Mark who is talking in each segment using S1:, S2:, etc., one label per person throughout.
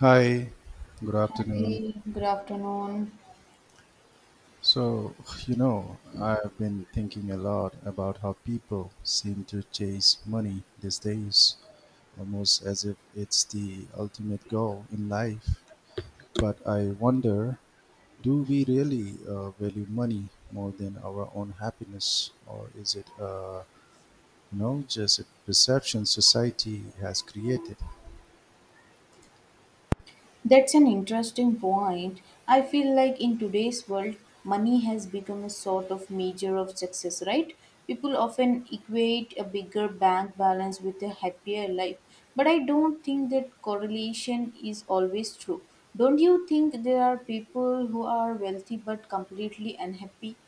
S1: Hi, good
S2: Hi,
S1: afternoon.
S2: good afternoon.
S1: So, I've been thinking a lot about how people seem to chase money these days, almost as if it's the ultimate goal in life. But I wonder, do we really value money more than our own happiness, or is it just a perception society has created?
S2: That's an interesting point. I feel like in today's world, money has become a sort of measure of success, right? People often equate a bigger bank balance with a happier life, but I don't think that correlation is always true. Don't you think there are people who are wealthy but completely unhappy?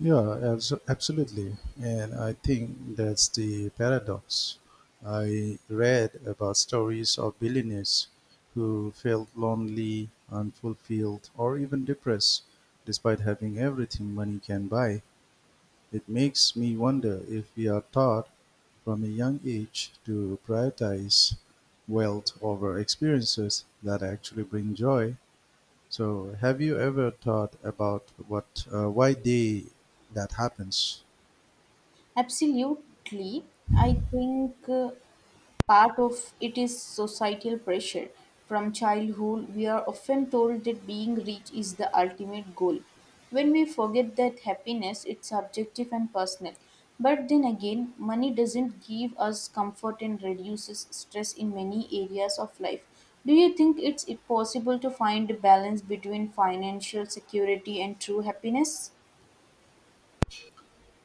S1: Absolutely. And I think that's the paradox. I read about stories of billionaires who felt lonely, unfulfilled, or even depressed despite having everything money can buy. It makes me wonder if we are taught from a young age to prioritize wealth over experiences that actually bring joy. So, have you ever thought about what, why they that happens?
S2: Absolutely. I think part of it is societal pressure. From childhood, we are often told that being rich is the ultimate goal. When we forget that happiness is subjective and personal. But then again, money doesn't give us comfort and reduces stress in many areas of life. Do you think it's possible to find a balance between financial security and true happiness?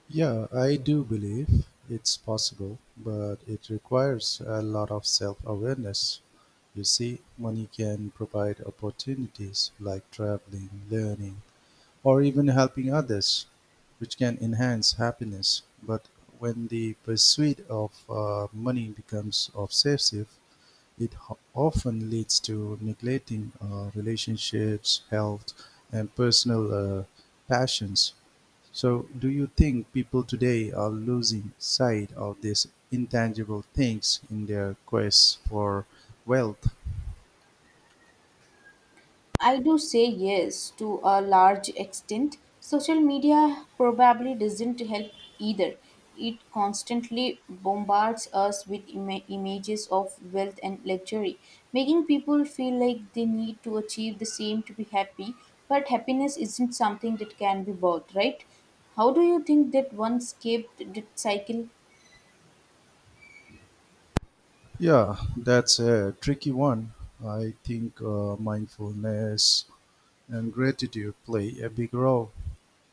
S1: Yeah, I do believe it's possible, but it requires a lot of self awareness. You see, money can provide opportunities like traveling, learning, or even helping others, which can enhance happiness. But when the pursuit of money becomes obsessive, it often leads to neglecting relationships, health, and personal passions. So, do you think people today are losing sight of these intangible things in their quest for wealth?
S2: I do say yes to a large extent. Social media probably doesn't help either. It constantly bombards us with images of wealth and luxury, making people feel like they need to achieve the same to be happy. But happiness isn't something that can be bought, right? How do you think that one escaped that cycle?
S1: Yeah, that's a tricky one. I think mindfulness and gratitude play a big role,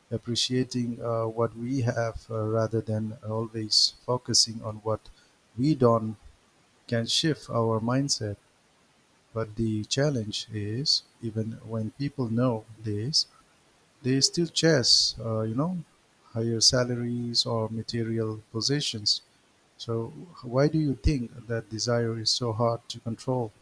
S1: appreciating what we have rather than always focusing on what we don't, can shift our mindset. But the challenge is, even when people know this, they still chase, higher salaries or material possessions. So, why do you think that desire is so hard to control?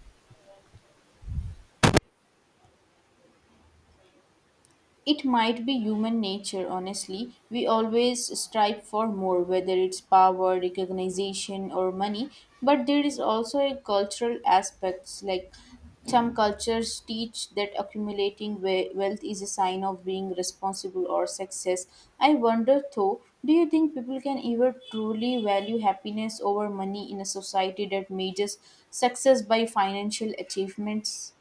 S2: It might be human nature, honestly. We always strive for more, whether it's power, recognition, or money. But there is also a cultural aspects. Like some cultures teach that accumulating wealth is a sign of being responsible or success. I wonder, though, do you think people can ever truly value happiness over money in a society that measures success by financial achievements?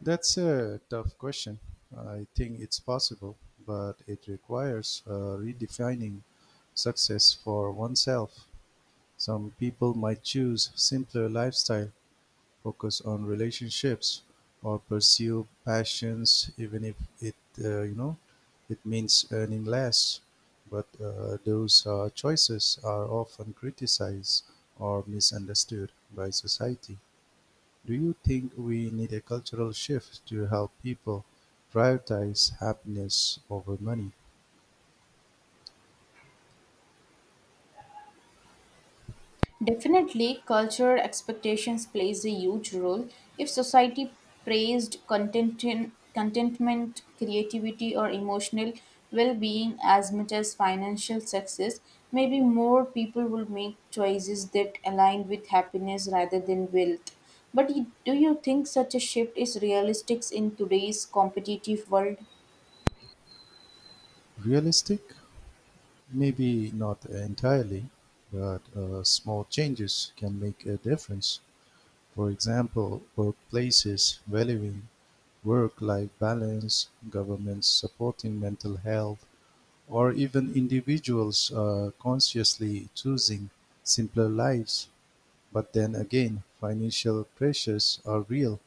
S1: That's a tough question. I think it's possible, but it requires redefining success for oneself. Some people might choose simpler lifestyle focus on relationships or pursue passions, even if it uh, you know it means earning less. But those choices are often criticized or misunderstood by society. Do you think we need a cultural shift to help people prioritize happiness over money?
S2: Definitely, cultural expectations plays a huge role. If society praised contentment, creativity, or emotional well-being as much as financial success, maybe more people will make choices that align with happiness rather than wealth. But do you think such a shift is realistic in today's competitive world?
S1: Realistic? Maybe not entirely, but small changes can make a difference. For example, workplaces valuing work-life balance, governments supporting mental health, or even individuals consciously choosing simpler lives. But then again, financial pressures are real,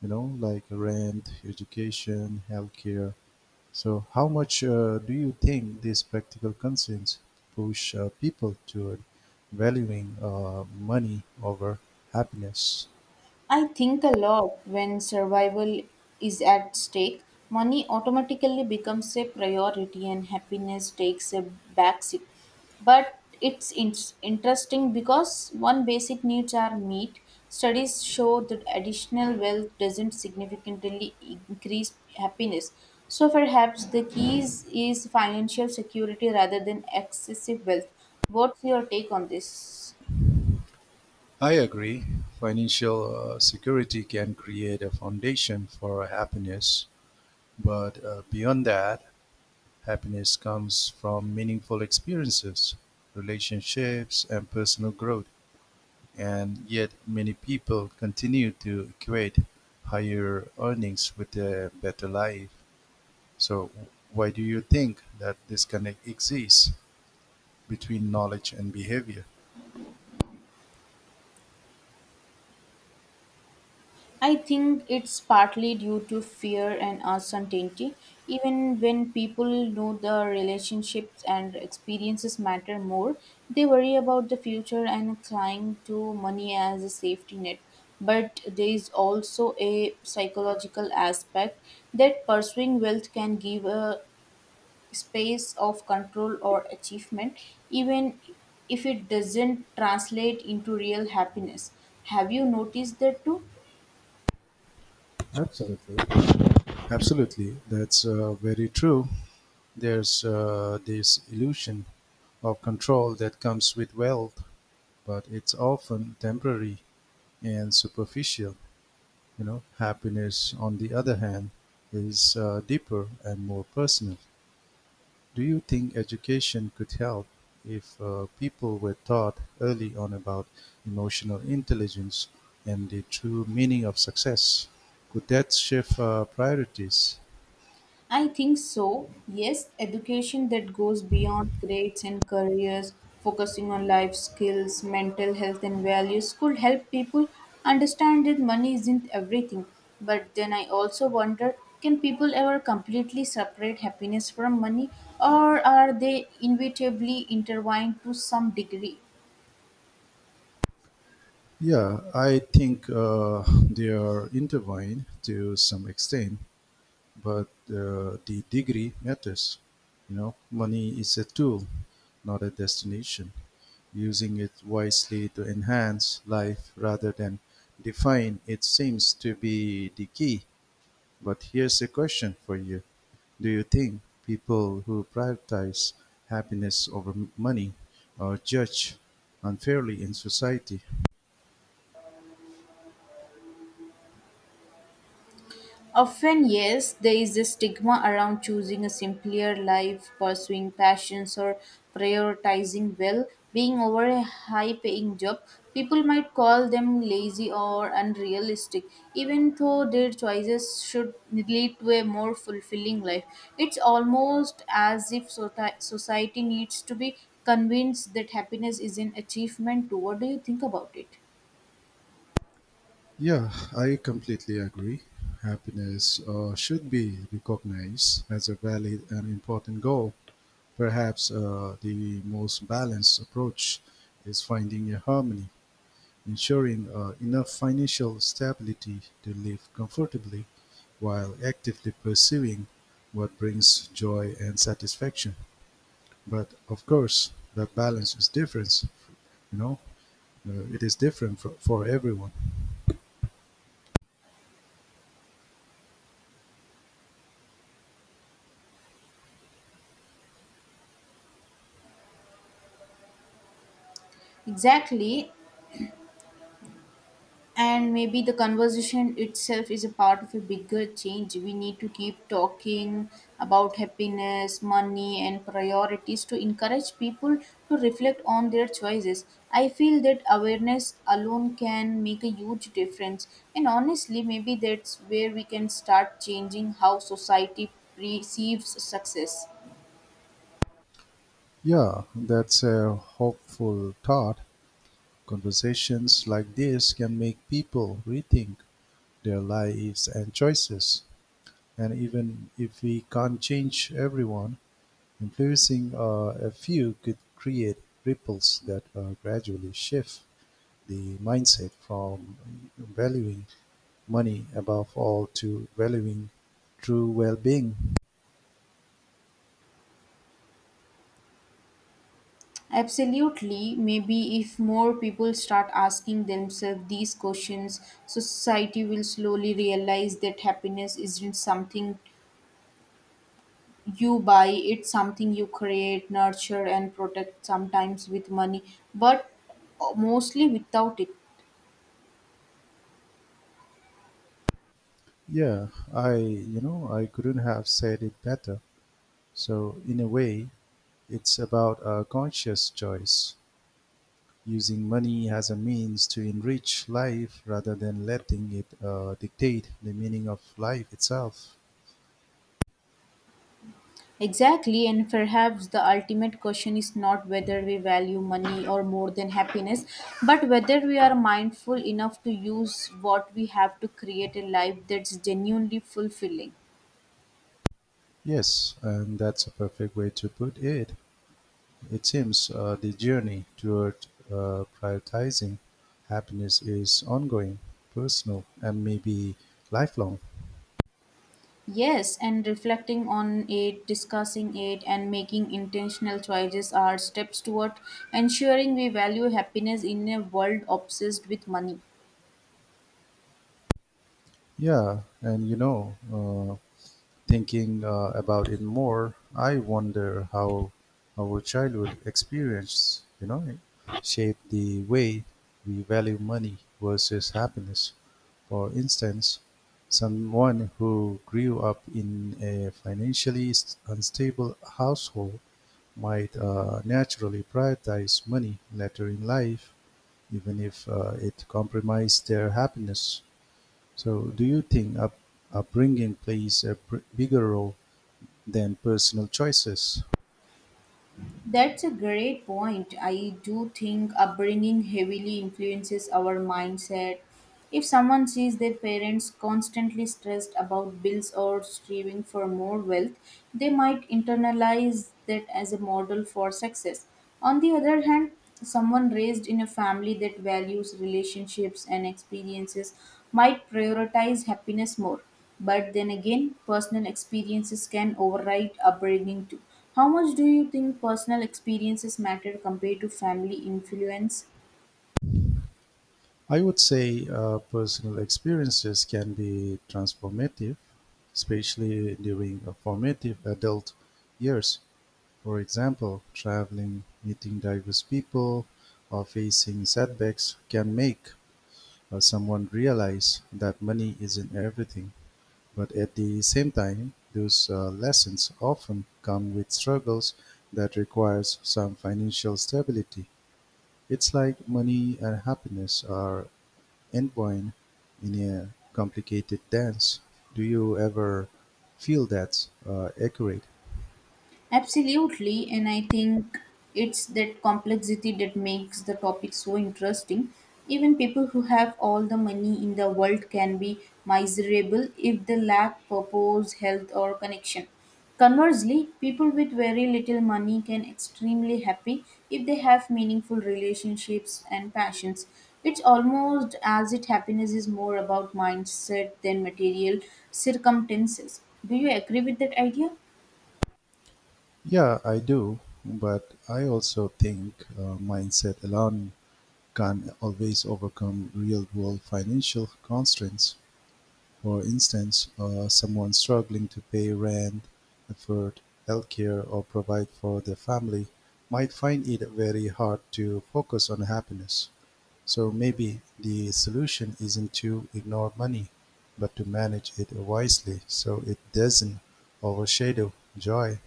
S1: you know, like rent, education, healthcare. So, how much do you think these practical concerns push people toward valuing money over happiness?
S2: I think a lot when survival is at stake. Money automatically becomes a priority and happiness takes a backseat. But interesting because one basic needs are met. Studies show that additional wealth doesn't significantly increase happiness. So perhaps the keys is financial security rather than excessive wealth. What's your take on this?
S1: I agree, financial security can create a foundation for happiness, but beyond that, happiness comes from meaningful experiences, relationships, and personal growth. And yet, many people continue to equate higher earnings with a better life. So, why do you think that disconnect exists between knowledge and behavior?
S2: I think it's partly due to fear and uncertainty. Even when people know the relationships and experiences matter more, they worry about the future and cling to money as a safety net. But there is also a psychological aspect that pursuing wealth can give a space of control or achievement, even if it doesn't translate into real happiness. Have you noticed that too?
S1: Absolutely. Absolutely, that's very true. There's this illusion of control that comes with wealth, but it's often temporary and superficial. You know, happiness, on the other hand, is deeper and more personal. Do you think education could help if people were taught early on about emotional intelligence and the true meaning of success? Could that shift priorities?
S2: I think so. Yes, education that goes beyond grades and careers, focusing on life skills, mental health, and values could help people understand that money isn't everything. But then I also wonder, can people ever completely separate happiness from money, or are they inevitably intertwined to some degree?
S1: Yeah, I think they are intertwined to some extent, but the degree matters. You know, money is a tool, not a destination. Using it wisely to enhance life rather than define it seems to be the key. But here's a question for you: do you think people who prioritize happiness over money are judged unfairly in society?
S2: Often, yes, there is a stigma around choosing a simpler life, pursuing passions, or prioritizing well being over a high paying job. People might call them lazy or unrealistic, even though their choices should lead to a more fulfilling life. It's almost as if society needs to be convinced that happiness is an achievement too. What do you think about it?
S1: Yeah, I completely agree. Happiness should be recognized as a valid and important goal. Perhaps the most balanced approach is finding a harmony, ensuring enough financial stability to live comfortably while actively pursuing what brings joy and satisfaction. But of course, that balance is different, you know, it is different for everyone.
S2: Exactly, and maybe the conversation itself is a part of a bigger change. We need to keep talking about happiness, money, and priorities, to encourage people to reflect on their choices. I feel that awareness alone can make a huge difference, and honestly, maybe that's where we can start changing how society perceives success.
S1: Yeah, that's a hopeful thought. Conversations like this can make people rethink their lives and choices. And even if we can't change everyone, influencing a few could create ripples that gradually shift the mindset from valuing money above all to valuing true well-being.
S2: Absolutely. Maybe if more people start asking themselves these questions, society will slowly realize that happiness isn't something you buy, it's something you create, nurture, and protect, sometimes with money, but mostly without it.
S1: Yeah, I you know I couldn't have said it better. So in a way, it's about a conscious choice, using money as a means to enrich life rather than letting it dictate the meaning of life itself.
S2: Exactly, and perhaps the ultimate question is not whether we value money or more than happiness, but whether we are mindful enough to use what we have to create a life that's genuinely fulfilling.
S1: Yes, and that's a perfect way to put it. It seems the journey toward prioritizing happiness is ongoing, personal, and maybe lifelong.
S2: Yes, and reflecting on it, discussing it, and making intentional choices are steps toward ensuring we value happiness in a world obsessed with money.
S1: Yeah, and you know, uh, Thinking about it more, I wonder how our childhood experience, you know, shaped the way we value money versus happiness. For instance, someone who grew up in a financially unstable household might naturally prioritize money later in life, even if it compromised their happiness. So, do you think upbringing plays a bigger role than personal choices.
S2: That's a great point. I do think upbringing heavily influences our mindset. If someone sees their parents constantly stressed about bills or striving for more wealth, they might internalize that as a model for success. On the other hand, someone raised in a family that values relationships and experiences might prioritize happiness more. But then again, personal experiences can override upbringing too. How much do you think personal experiences matter compared to family influence?
S1: I would say personal experiences can be transformative, especially during formative adult years. For example, traveling, meeting diverse people, or facing setbacks can make someone realize that money isn't everything. But at the same time, those lessons often come with struggles that requires some financial stability. It's like money and happiness are entwined in a complicated dance. Do you ever feel that's accurate?
S2: Absolutely, and I think it's that complexity that makes the topic so interesting. Even people who have all the money in the world can be miserable if they lack purpose, health, or connection. Conversely, people with very little money can extremely happy if they have meaningful relationships and passions. It's almost as if happiness is more about mindset than material circumstances. Do you agree with that idea?
S1: Yeah, I do, but I also think mindset alone can always overcome real world financial constraints. For instance, someone struggling to pay rent, afford healthcare, or provide for their family might find it very hard to focus on happiness. So maybe the solution isn't to ignore money, but to manage it wisely so it doesn't overshadow joy.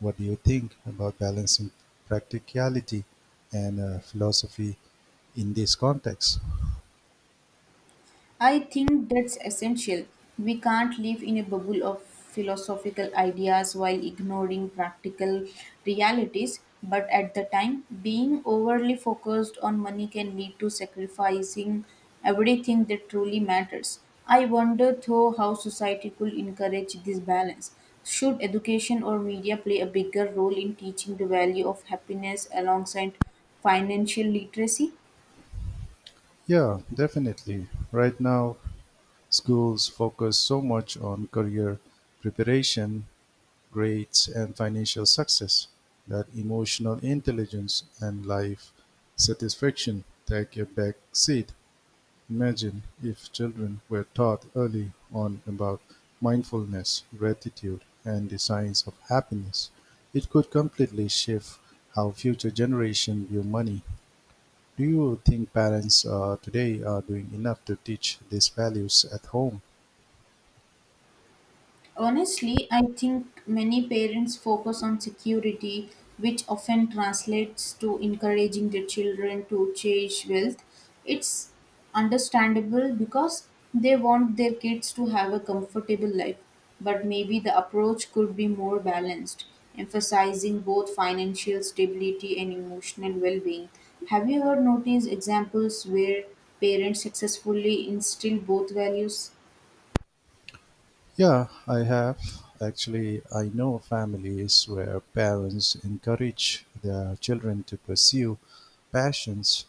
S1: What do you think about balancing practicality and philosophy in this context?
S2: I think that's essential. We can't live in a bubble of philosophical ideas while ignoring practical realities. But at the time, being overly focused on money can lead to sacrificing everything that truly matters. I wonder, though, how society could encourage this balance. Should education or media play a bigger role in teaching the value of happiness alongside financial literacy?
S1: Yeah, definitely. Right now, schools focus so much on career preparation, grades, and financial success that emotional intelligence and life satisfaction take a back seat. Imagine if children were taught early on about mindfulness, gratitude, and the science of happiness. It could completely shift how future generations view money. Do you think parents today are doing enough to teach these values at home?
S2: Honestly, I think many parents focus on security, which often translates to encouraging their children to chase wealth. It's understandable because they want their kids to have a comfortable life, but maybe the approach could be more balanced, emphasizing both financial stability and emotional well being. Have you ever noticed examples where parents successfully instill both values?
S1: Yeah, I have. Actually, I know families where parents encourage their children to pursue passions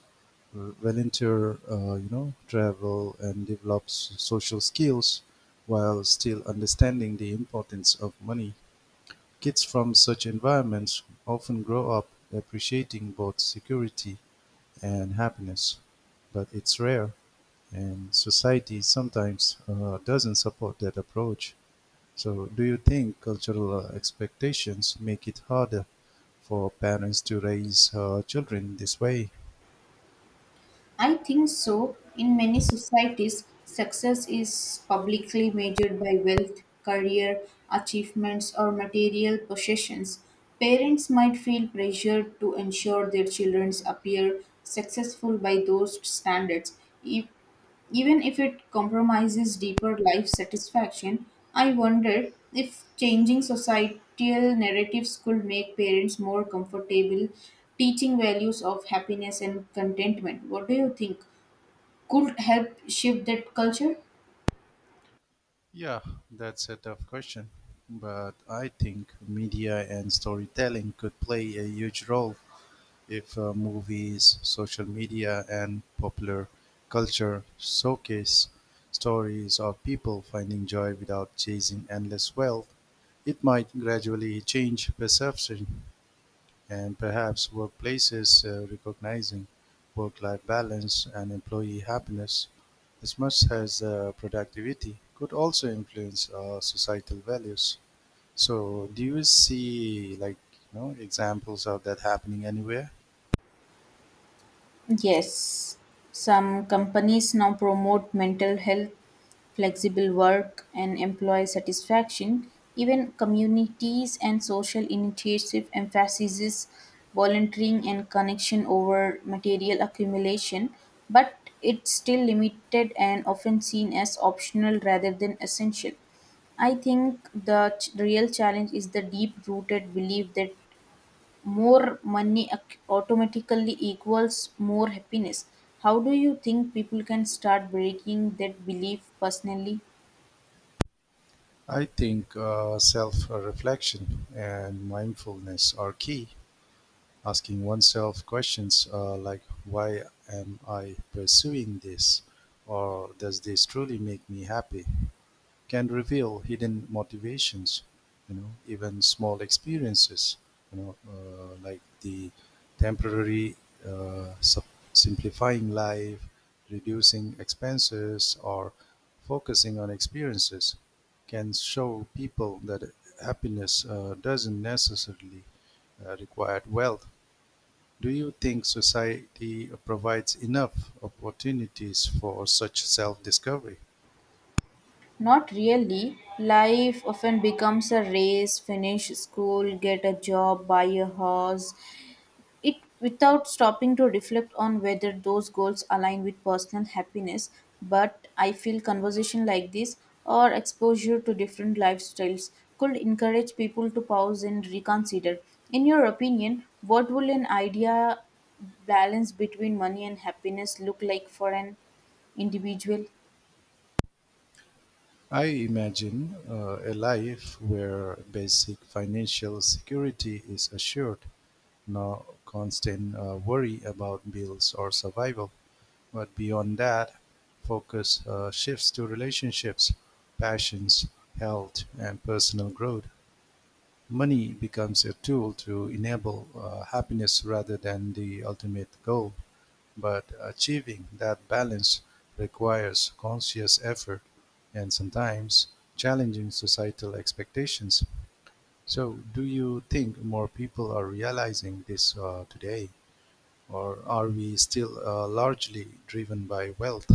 S1: volunteer, travel and develops social skills while still understanding the importance of money. Kids from such environments often grow up appreciating both security and happiness, but it's rare, and society sometimes doesn't support that approach. So, do you think cultural expectations make it harder for parents to raise children this way?
S2: I think so. In many societies, success is publicly measured by wealth, career, achievements, or material possessions. Parents might feel pressured to ensure their children appear successful by those standards, e- even if it compromises deeper life satisfaction. I wonder if changing societal narratives could make parents more comfortable teaching values of happiness and contentment. What do you think could help shift that culture?
S1: Yeah, that's a tough question. But I think media and storytelling could play a huge role if movies, social media, and popular culture showcase stories of people finding joy without chasing endless wealth. It might gradually change perception and perhaps workplaces recognizing work-life balance and employee happiness as much as productivity could also influence societal values. So, do you see like you know examples of that happening anywhere?
S2: Yes, some companies now promote mental health, flexible work, and employee satisfaction. Even communities and social initiative emphasizes volunteering and connection over material accumulation, but it's still limited and often seen as optional rather than essential. I think the real challenge is the deep rooted belief that more money automatically equals more happiness. How do you think people can start breaking that belief personally?
S1: I think self-reflection and mindfulness are key. Asking oneself questions like, "Why am I pursuing this?" or "Does this truly make me happy?" can reveal hidden motivations, you know, even small experiences, like the temporary uh, sup- simplifying life, reducing expenses, or focusing on experiences can show people that happiness doesn't necessarily require wealth. Do you think society provides enough opportunities for such self discovery?
S2: Not really. Life often becomes a race, finish school, get a job, buy a house, it without stopping to reflect on whether those goals align with personal happiness. But I feel conversation like this, or exposure to different lifestyles, could encourage people to pause and reconsider. In your opinion, what will an idea balance between money and happiness look like for an individual?
S1: I imagine a life where basic financial security is assured, no constant worry about bills or survival. But beyond that, focus shifts to relationships, passions, health, and personal growth. Money becomes a tool to enable happiness rather than the ultimate goal. But achieving that balance requires conscious effort and sometimes challenging societal expectations. So, do you think more people are realizing this today, or are we still largely driven by wealth?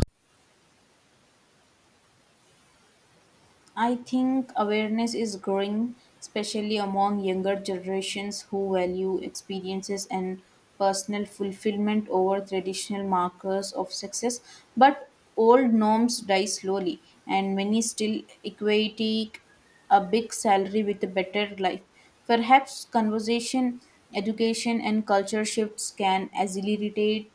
S2: I think awareness is growing, especially among younger generations who value experiences and personal fulfillment over traditional markers of success. But old norms die slowly, and many still equate a big salary with a better life. Perhaps conversation, education, and culture shifts can accelerate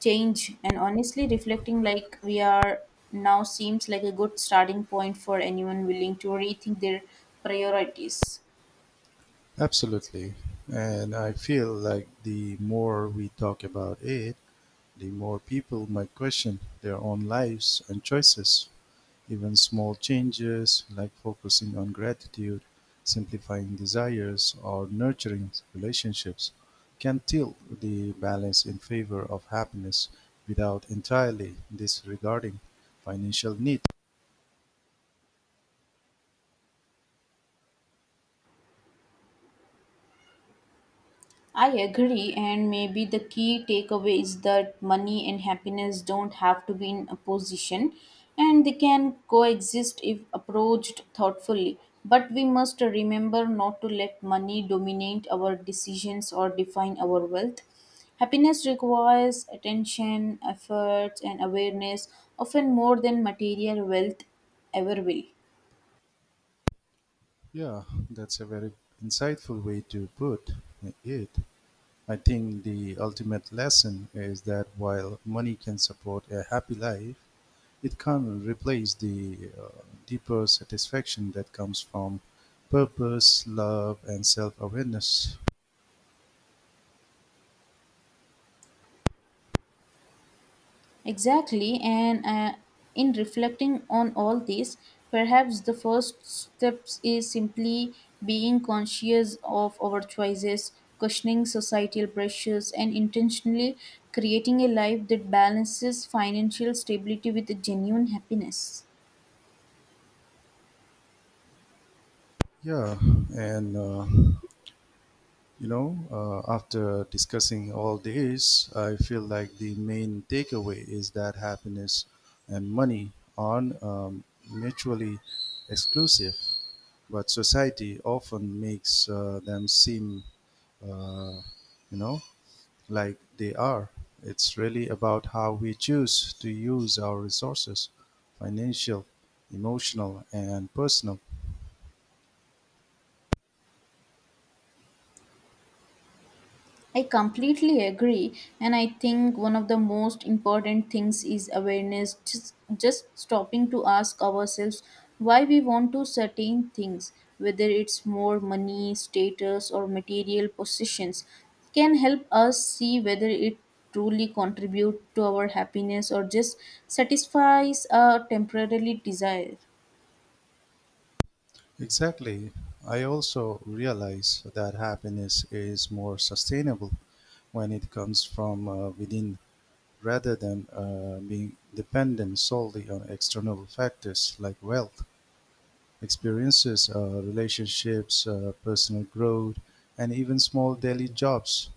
S2: change, and honestly, reflecting like we are now seems like a good starting point for anyone willing to rethink their priorities.
S1: Absolutely. And I feel like the more we talk about it, the more people might question their own lives and choices. Even small changes like focusing on gratitude, simplifying desires, or nurturing relationships can tilt the balance in favor of happiness without entirely disregarding financial need.
S2: I agree, and maybe the key takeaway is that money and happiness don't have to be in opposition, and they can coexist if approached thoughtfully. But we must remember not to let money dominate our decisions or define our wealth. Happiness requires attention, effort, and awareness, often more than material wealth ever will.
S1: Yeah, that's a very insightful way to put it. I think the ultimate lesson is that while money can support a happy life, it can't replace the deeper satisfaction that comes from purpose, love, and self awareness.
S2: Exactly, and in reflecting on all this, perhaps the first steps is simply being conscious of our choices, questioning societal pressures, and intentionally creating a life that balances financial stability with genuine happiness.
S1: Yeah, and uh, After discussing all this, I feel like the main takeaway is that happiness and money aren't mutually exclusive, but society often makes them seem, uh, you know, like they are. It's really about how we choose to use our resources financial, emotional, and personal.
S2: I completely agree, and I think one of the most important things is awareness. Just stopping to ask ourselves why we want to certain things, whether it's more money, status, or material possessions, can help us see whether it truly contribute to our happiness or just satisfies a temporary desire.
S1: Exactly. I also realize that happiness is more sustainable when it comes from within rather than being dependent solely on external factors like wealth, experiences, relationships, personal growth, and even small daily jobs.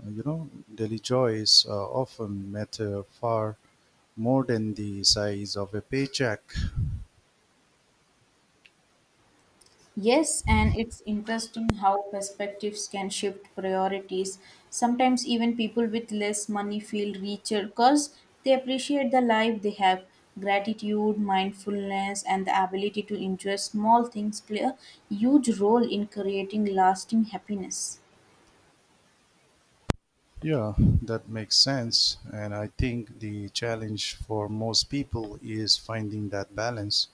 S1: Uh, You know, Delijoy is often matter far more than the size of a paycheck.
S2: Yes, and it's interesting how perspectives can shift priorities. Sometimes even people with less money feel richer because they appreciate the life they have. Gratitude, mindfulness, and the ability to enjoy small things play a huge role in creating lasting happiness.
S1: Yeah, that makes sense. And I think the challenge for most people is finding that balance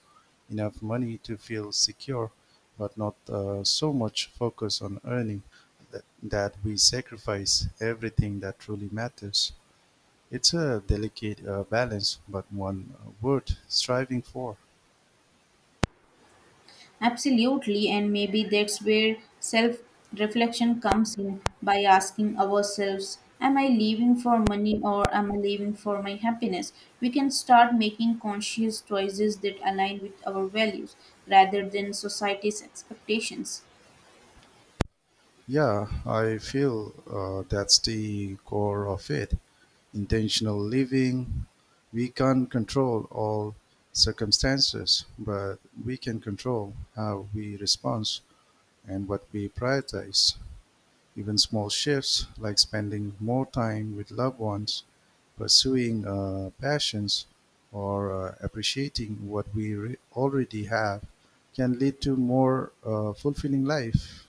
S1: enough money to feel secure, but not so much focus on earning that we sacrifice everything that truly matters. It's a delicate balance, but one worth striving for.
S2: Absolutely, and maybe that's where self reflection comes in, by asking ourselves, am I living for money or am I living for my happiness? We can start making conscious choices that align with our values rather than society's expectations.
S1: Yeah, I feel that's the core of it. Intentional living. We can't control all circumstances, but we can control how we respond and what we prioritize. Even small shifts like spending more time with loved ones, pursuing passions, or appreciating what we already have can lead to more fulfilling life.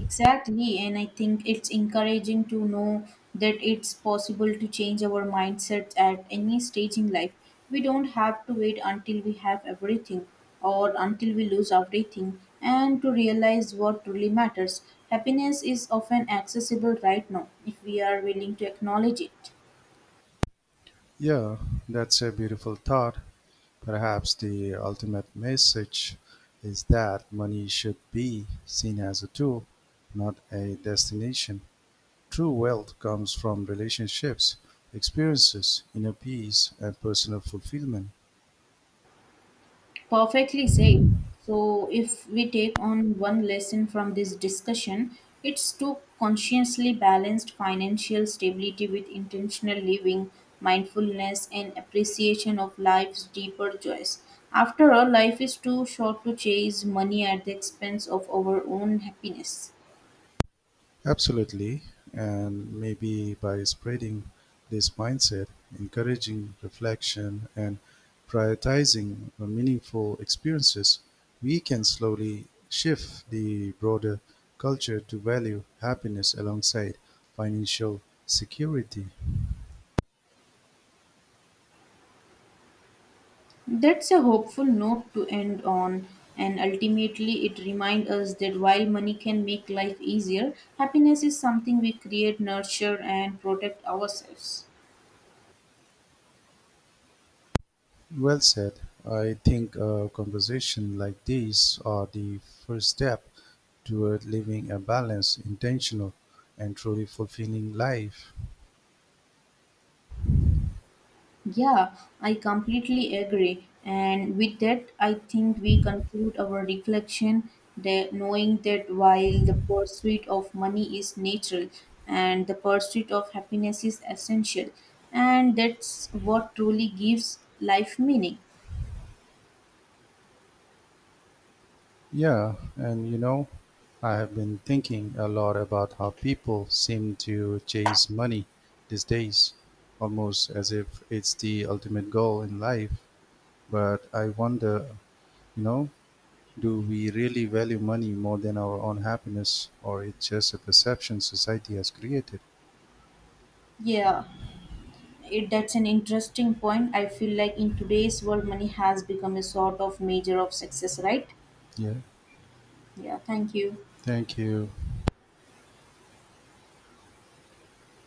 S2: Exactly, and I think it's encouraging to know that it's possible to change our mindsets at any stage in life. We don't have to wait until we have everything or until we lose everything and to realize what truly matters. Happiness is often accessible right now if we are willing to acknowledge it.
S1: Yeah, that's a beautiful thought. Perhaps the ultimate message is that money should be seen as a tool, not a destination. True wealth comes from relationships, experiences, inner peace, and personal fulfillment.
S2: Perfectly said. So, if we take on one lesson from this discussion, it's to consciously balanced financial stability with intentional living, mindfulness, and appreciation of life's deeper joys. After all, life is too short to chase money at the expense of our own happiness.
S1: Absolutely. And maybe by spreading this mindset, encouraging reflection, and prioritizing meaningful experiences, we can slowly shift the broader culture to value happiness alongside financial security.
S2: That's a hopeful note to end on, and ultimately, it reminds us that while money can make life easier, happiness is something we create, nurture, and protect ourselves.
S1: Well said. I think a conversation like these are the first step toward living a balanced, intentional, and truly fulfilling life.
S2: Yeah, I completely agree. And with that, I think we conclude our reflection, that knowing that while the pursuit of money is natural and the pursuit of happiness is essential, and that's what truly gives life meaning.
S1: Yeah, and you know, I have been thinking a lot about how people seem to chase money these days, almost as if it's the ultimate goal in life. But I wonder, you know, do we really value money more than our own happiness, or it's just a perception society has created?
S2: Yeah. It that's an interesting point. I feel like in today's world, money has become a sort of measure of success, right?
S1: Yeah,
S2: Yeah, thank you.
S1: thank you.